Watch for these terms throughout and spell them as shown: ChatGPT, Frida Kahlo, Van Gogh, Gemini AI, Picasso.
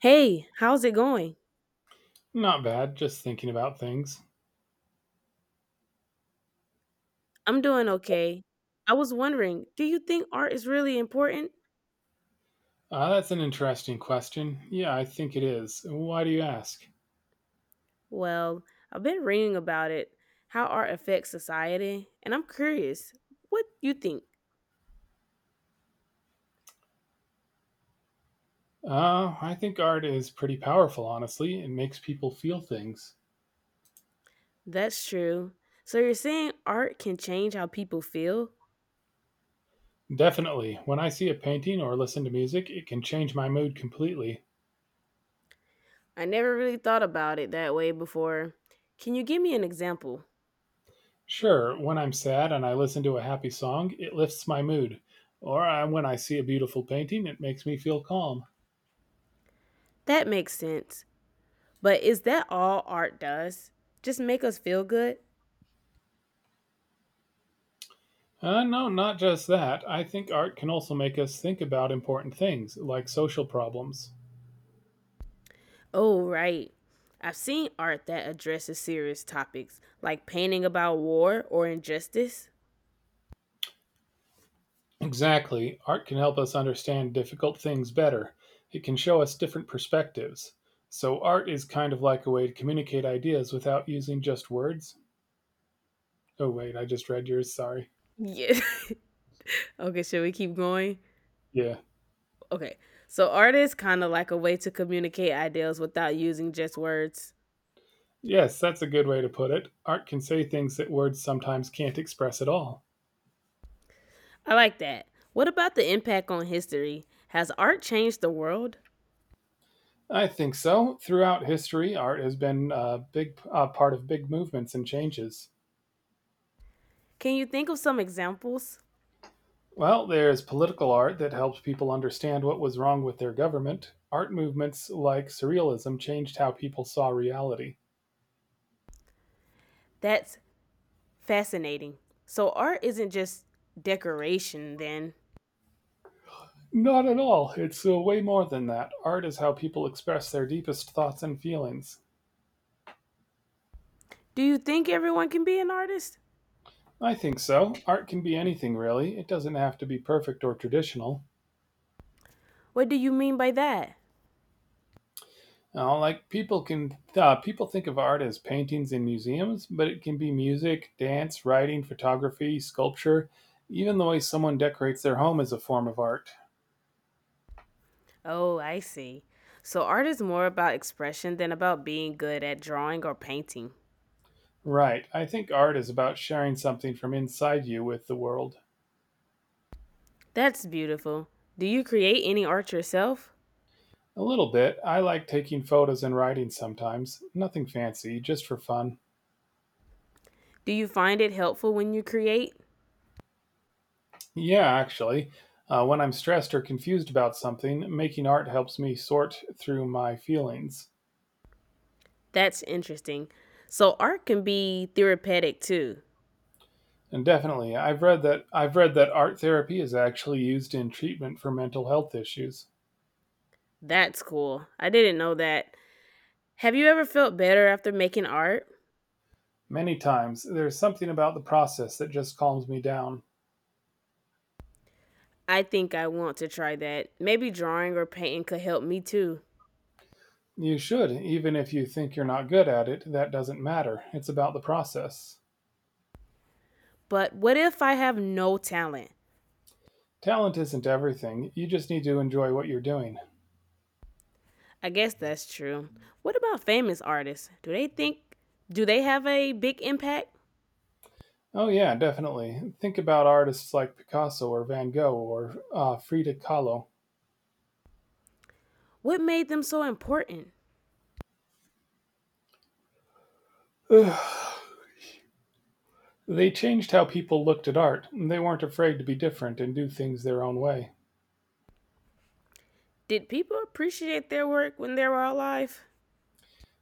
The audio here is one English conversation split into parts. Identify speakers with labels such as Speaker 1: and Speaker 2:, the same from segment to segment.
Speaker 1: Hey, how's it going?
Speaker 2: Not bad, just thinking about things.
Speaker 1: I'm doing okay. I was wondering, do you think art is really important?
Speaker 2: That's an interesting question. Yeah, I think it is. Why do you ask?
Speaker 1: Well, I've been reading about it, how art affects society, and I'm curious, what you think?
Speaker 2: I think art is pretty powerful, honestly. It makes people feel things.
Speaker 1: That's true. So you're saying art can change how people feel?
Speaker 2: Definitely. When I see a painting or listen to music, it can change my mood completely.
Speaker 1: I never really thought about it that way before. Can you give me an example?
Speaker 2: Sure, when I'm sad and I listen to a happy song, it lifts my mood. Or when I see a beautiful painting, it makes me feel calm.
Speaker 1: That makes sense. But is that all art does? Just make us feel good?
Speaker 2: No, not just that. I think art can also make us think about important things, like social problems.
Speaker 1: Oh, right. I've seen art that addresses serious topics, like painting about war or injustice.
Speaker 2: Exactly. Art can help us understand difficult things better. It can show us different perspectives. So, art is kind of like a way to communicate ideas without using just words. Oh, wait, I just read yours. Sorry.
Speaker 1: Yeah. Okay, should we keep going?
Speaker 2: Yeah.
Speaker 1: Okay. So, art is kind of like a way to communicate ideas without using just words.
Speaker 2: Yes, that's a good way to put it. Art can say things that words sometimes can't express at all.
Speaker 1: I like that. What about the impact on history? Has art changed the world?
Speaker 2: I think so. Throughout history, art has been a big part of big movements and changes.
Speaker 1: Can you think of some examples?
Speaker 2: Well, there's political art that helps people understand what was wrong with their government. Art movements like Surrealism changed how people saw reality.
Speaker 1: That's fascinating. So, art isn't just decoration, then.
Speaker 2: Not at all. It's way more than that. Art is how people express their deepest thoughts and feelings.
Speaker 1: Do you think everyone can be an artist?
Speaker 2: I think so. Art can be anything, really. It doesn't have to be perfect or traditional.
Speaker 1: What do you mean by that?
Speaker 2: Like people think of art as paintings in museums, but it can be music, dance, writing, photography, sculpture. Even the way someone decorates their home is a form of art.
Speaker 1: Oh, I see. So art is more about expression than about being good at drawing or painting.
Speaker 2: Right. I think art is about sharing something from inside you with the world.
Speaker 1: That's beautiful. Do you create any art yourself?
Speaker 2: A little bit. I like taking photos and writing sometimes. Nothing fancy, just for fun.
Speaker 1: Do you find it helpful when you create?
Speaker 2: Yeah, actually. When I'm stressed or confused about something, making art helps me sort through my feelings.
Speaker 1: That's interesting. So art can be therapeutic too.
Speaker 2: And definitely, I've read that art therapy is actually used in treatment for mental health issues.
Speaker 1: That's cool. I didn't know that. Have you ever felt better after making art?
Speaker 2: Many times, there's something about the process that just calms me down.
Speaker 1: I think I want to try that. Maybe drawing or painting could help me too.
Speaker 2: You should, even if you think you're not good at it, that doesn't matter. It's about the process.
Speaker 1: But what if I have no talent?
Speaker 2: Talent isn't everything, you just need to enjoy what you're doing.
Speaker 1: I guess that's true. What about famous artists? Do they have a big impact?
Speaker 2: Oh, yeah, definitely. Think about artists like Picasso or Van Gogh or Frida Kahlo.
Speaker 1: What made them so important?
Speaker 2: Ugh. They changed how people looked at art. They weren't afraid to be different and do things their own way.
Speaker 1: Did people appreciate their work when they were alive?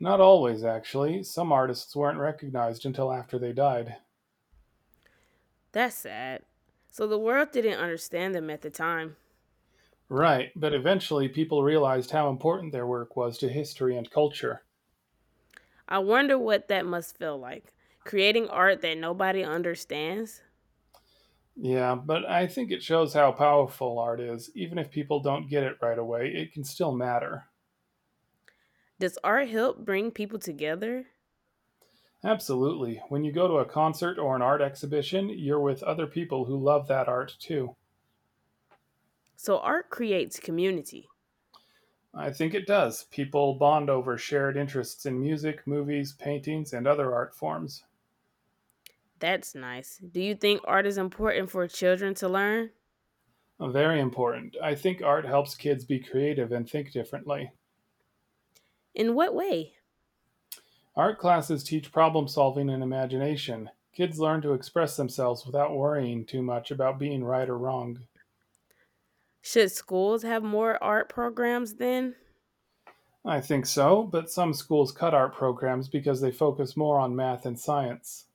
Speaker 2: Not always, actually. Some artists weren't recognized until after they died.
Speaker 1: That's sad. So the world didn't understand them at the time.
Speaker 2: Right, but eventually people realized how important their work was to history and culture.
Speaker 1: I wonder what that must feel like. Creating art that nobody understands?
Speaker 2: Yeah, but I think it shows how powerful art is. Even if people don't get it right away, it can still matter.
Speaker 1: Does art help bring people together?
Speaker 2: Absolutely. When you go to a concert or an art exhibition, you're with other people who love that art too.
Speaker 1: So art creates community.
Speaker 2: I think it does. People bond over shared interests in music, movies, paintings, and other art forms.
Speaker 1: That's nice. Do you think art is important for children to learn?
Speaker 2: Very important. I think art helps kids be creative and think differently.
Speaker 1: In what way?
Speaker 2: Art classes teach problem solving and imagination. Kids learn to express themselves without worrying too much about being right or wrong.
Speaker 1: Should schools have more art programs then?
Speaker 2: I think so, but some schools cut art programs because they focus more on math and science.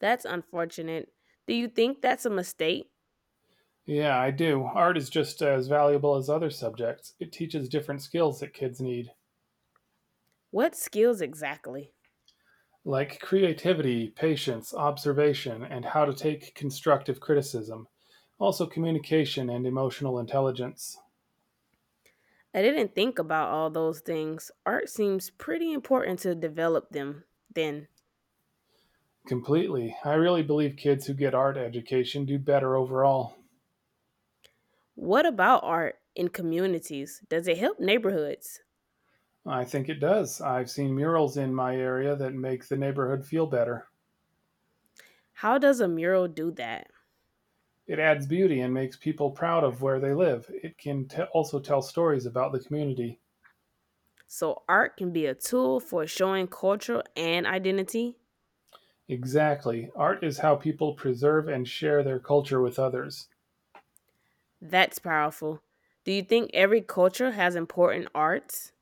Speaker 1: That's unfortunate. Do you think that's a mistake?
Speaker 2: Yeah, I do. Art is just as valuable as other subjects. It teaches different skills that kids need,
Speaker 1: What skills exactly?
Speaker 2: like creativity, patience, observation, and how to take constructive criticism. Also, communication and emotional intelligence.
Speaker 1: I didn't think about all those things. Art seems pretty important to develop them. Then,
Speaker 2: Completely. I really believe kids who get art education do better overall.
Speaker 1: what about art in communities? Does it help neighborhoods?
Speaker 2: I think it does. I've seen murals in my area that make the neighborhood feel better.
Speaker 1: How does a mural do that?
Speaker 2: It adds beauty and makes people proud of where they live. It can also tell stories about the community.
Speaker 1: So, art can be a tool for showing culture and identity?
Speaker 2: Exactly. Art is how people preserve and share their culture with others.
Speaker 1: That's powerful. Do you think every culture has important arts?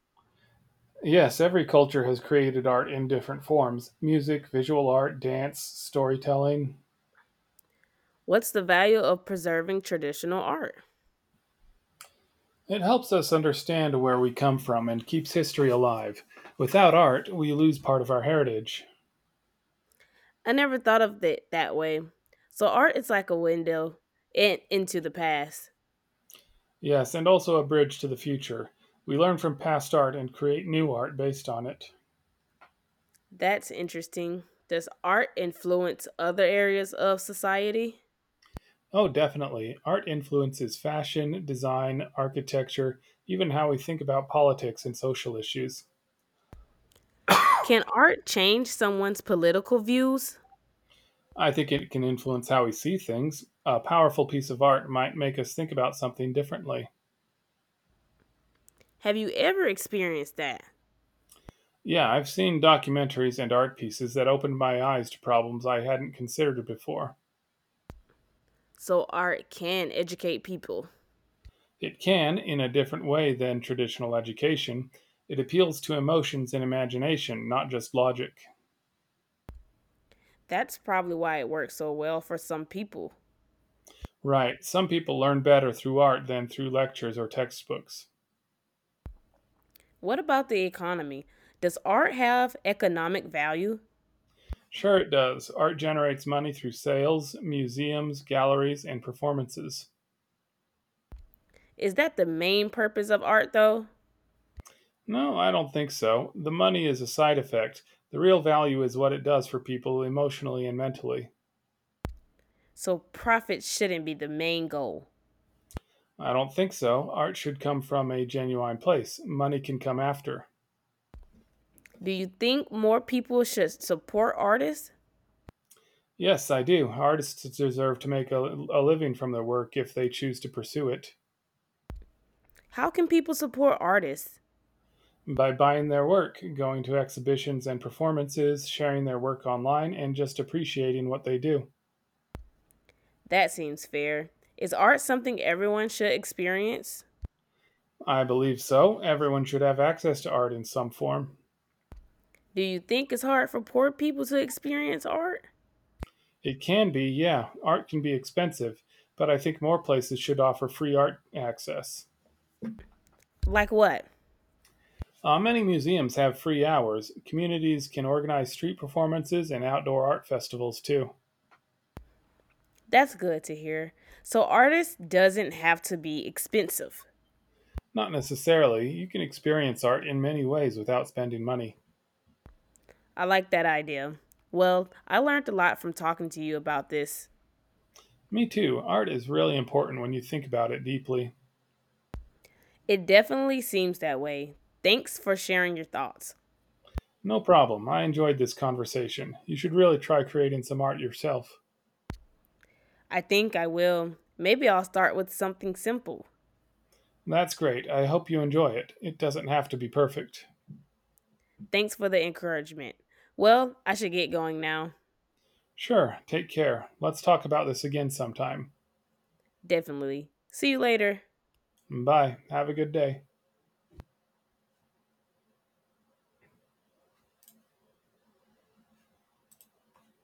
Speaker 2: Yes, every culture has created art in different forms music, visual art, dance, storytelling.
Speaker 1: What's the value of preserving traditional art?
Speaker 2: It helps us understand where we come from and keeps history alive. Without art, we lose part of our heritage.
Speaker 1: I never thought of it that way. So art is like a window into the past.
Speaker 2: Yes, and also a bridge to the future. We learn from past art and create new art based on it.
Speaker 1: That's interesting. Does art influence other areas of society?
Speaker 2: Oh, definitely. Art influences fashion, design, architecture, even how we think about politics and social issues.
Speaker 1: Can art change someone's political views?
Speaker 2: I think it can influence how we see things. A powerful piece of art might make us think about something differently.
Speaker 1: Have you ever experienced that?
Speaker 2: Yeah, I've seen documentaries and art pieces that opened my eyes to problems I hadn't considered before.
Speaker 1: So art can educate people.
Speaker 2: It can, in a different way than traditional education, it appeals to emotions and imagination, not just logic.
Speaker 1: That's probably why it works so well for some people.
Speaker 2: Right, some people learn better through art than through lectures or textbooks.
Speaker 1: What about the economy? Does art have economic value?
Speaker 2: Sure, it does. Art generates money through sales, museums, galleries, and performances.
Speaker 1: Is that the main purpose of art though?
Speaker 2: No, I don't think so. The money is a side effect. The real value is what it does for people emotionally and mentally.
Speaker 1: So profit shouldn't be the main goal.
Speaker 2: I don't think so. Art should come from a genuine place. Money can come after.
Speaker 1: Do you think more people should support artists?
Speaker 2: Yes, I do. Artists deserve to make a living from their work if they choose to pursue it.
Speaker 1: How can people support artists?
Speaker 2: By buying their work, going to exhibitions and performances, sharing their work online, and just appreciating what they do.
Speaker 1: That seems fair. Is art something everyone should experience?
Speaker 2: I believe so. Everyone should have access to art in some form.
Speaker 1: Do you think it's hard for poor people to experience art?
Speaker 2: It can be, yeah. Art can be expensive, but I think more places should offer free art access.
Speaker 1: Like what?
Speaker 2: Many museums have free hours. Communities can organize street performances and outdoor art festivals too.
Speaker 1: That's good to hear. So artists doesn't have to be expensive.
Speaker 2: Not necessarily. You can experience art in many ways without spending money.
Speaker 1: I like that idea. Well, I learned a lot from talking to you about this.
Speaker 2: Me too. Art is really important when you think about it deeply.
Speaker 1: It definitely seems that way. Thanks for sharing your thoughts.
Speaker 2: No problem. I enjoyed this conversation. You should really try creating some art yourself.
Speaker 1: I think I will. Maybe I'll start with something simple.
Speaker 2: That's great. I hope you enjoy it. It doesn't have to be perfect.
Speaker 1: Thanks for the encouragement. Well, I should get going now.
Speaker 2: Sure. Take care. Let's talk about this again sometime.
Speaker 1: Definitely. See you later.
Speaker 2: Bye. Have a good day.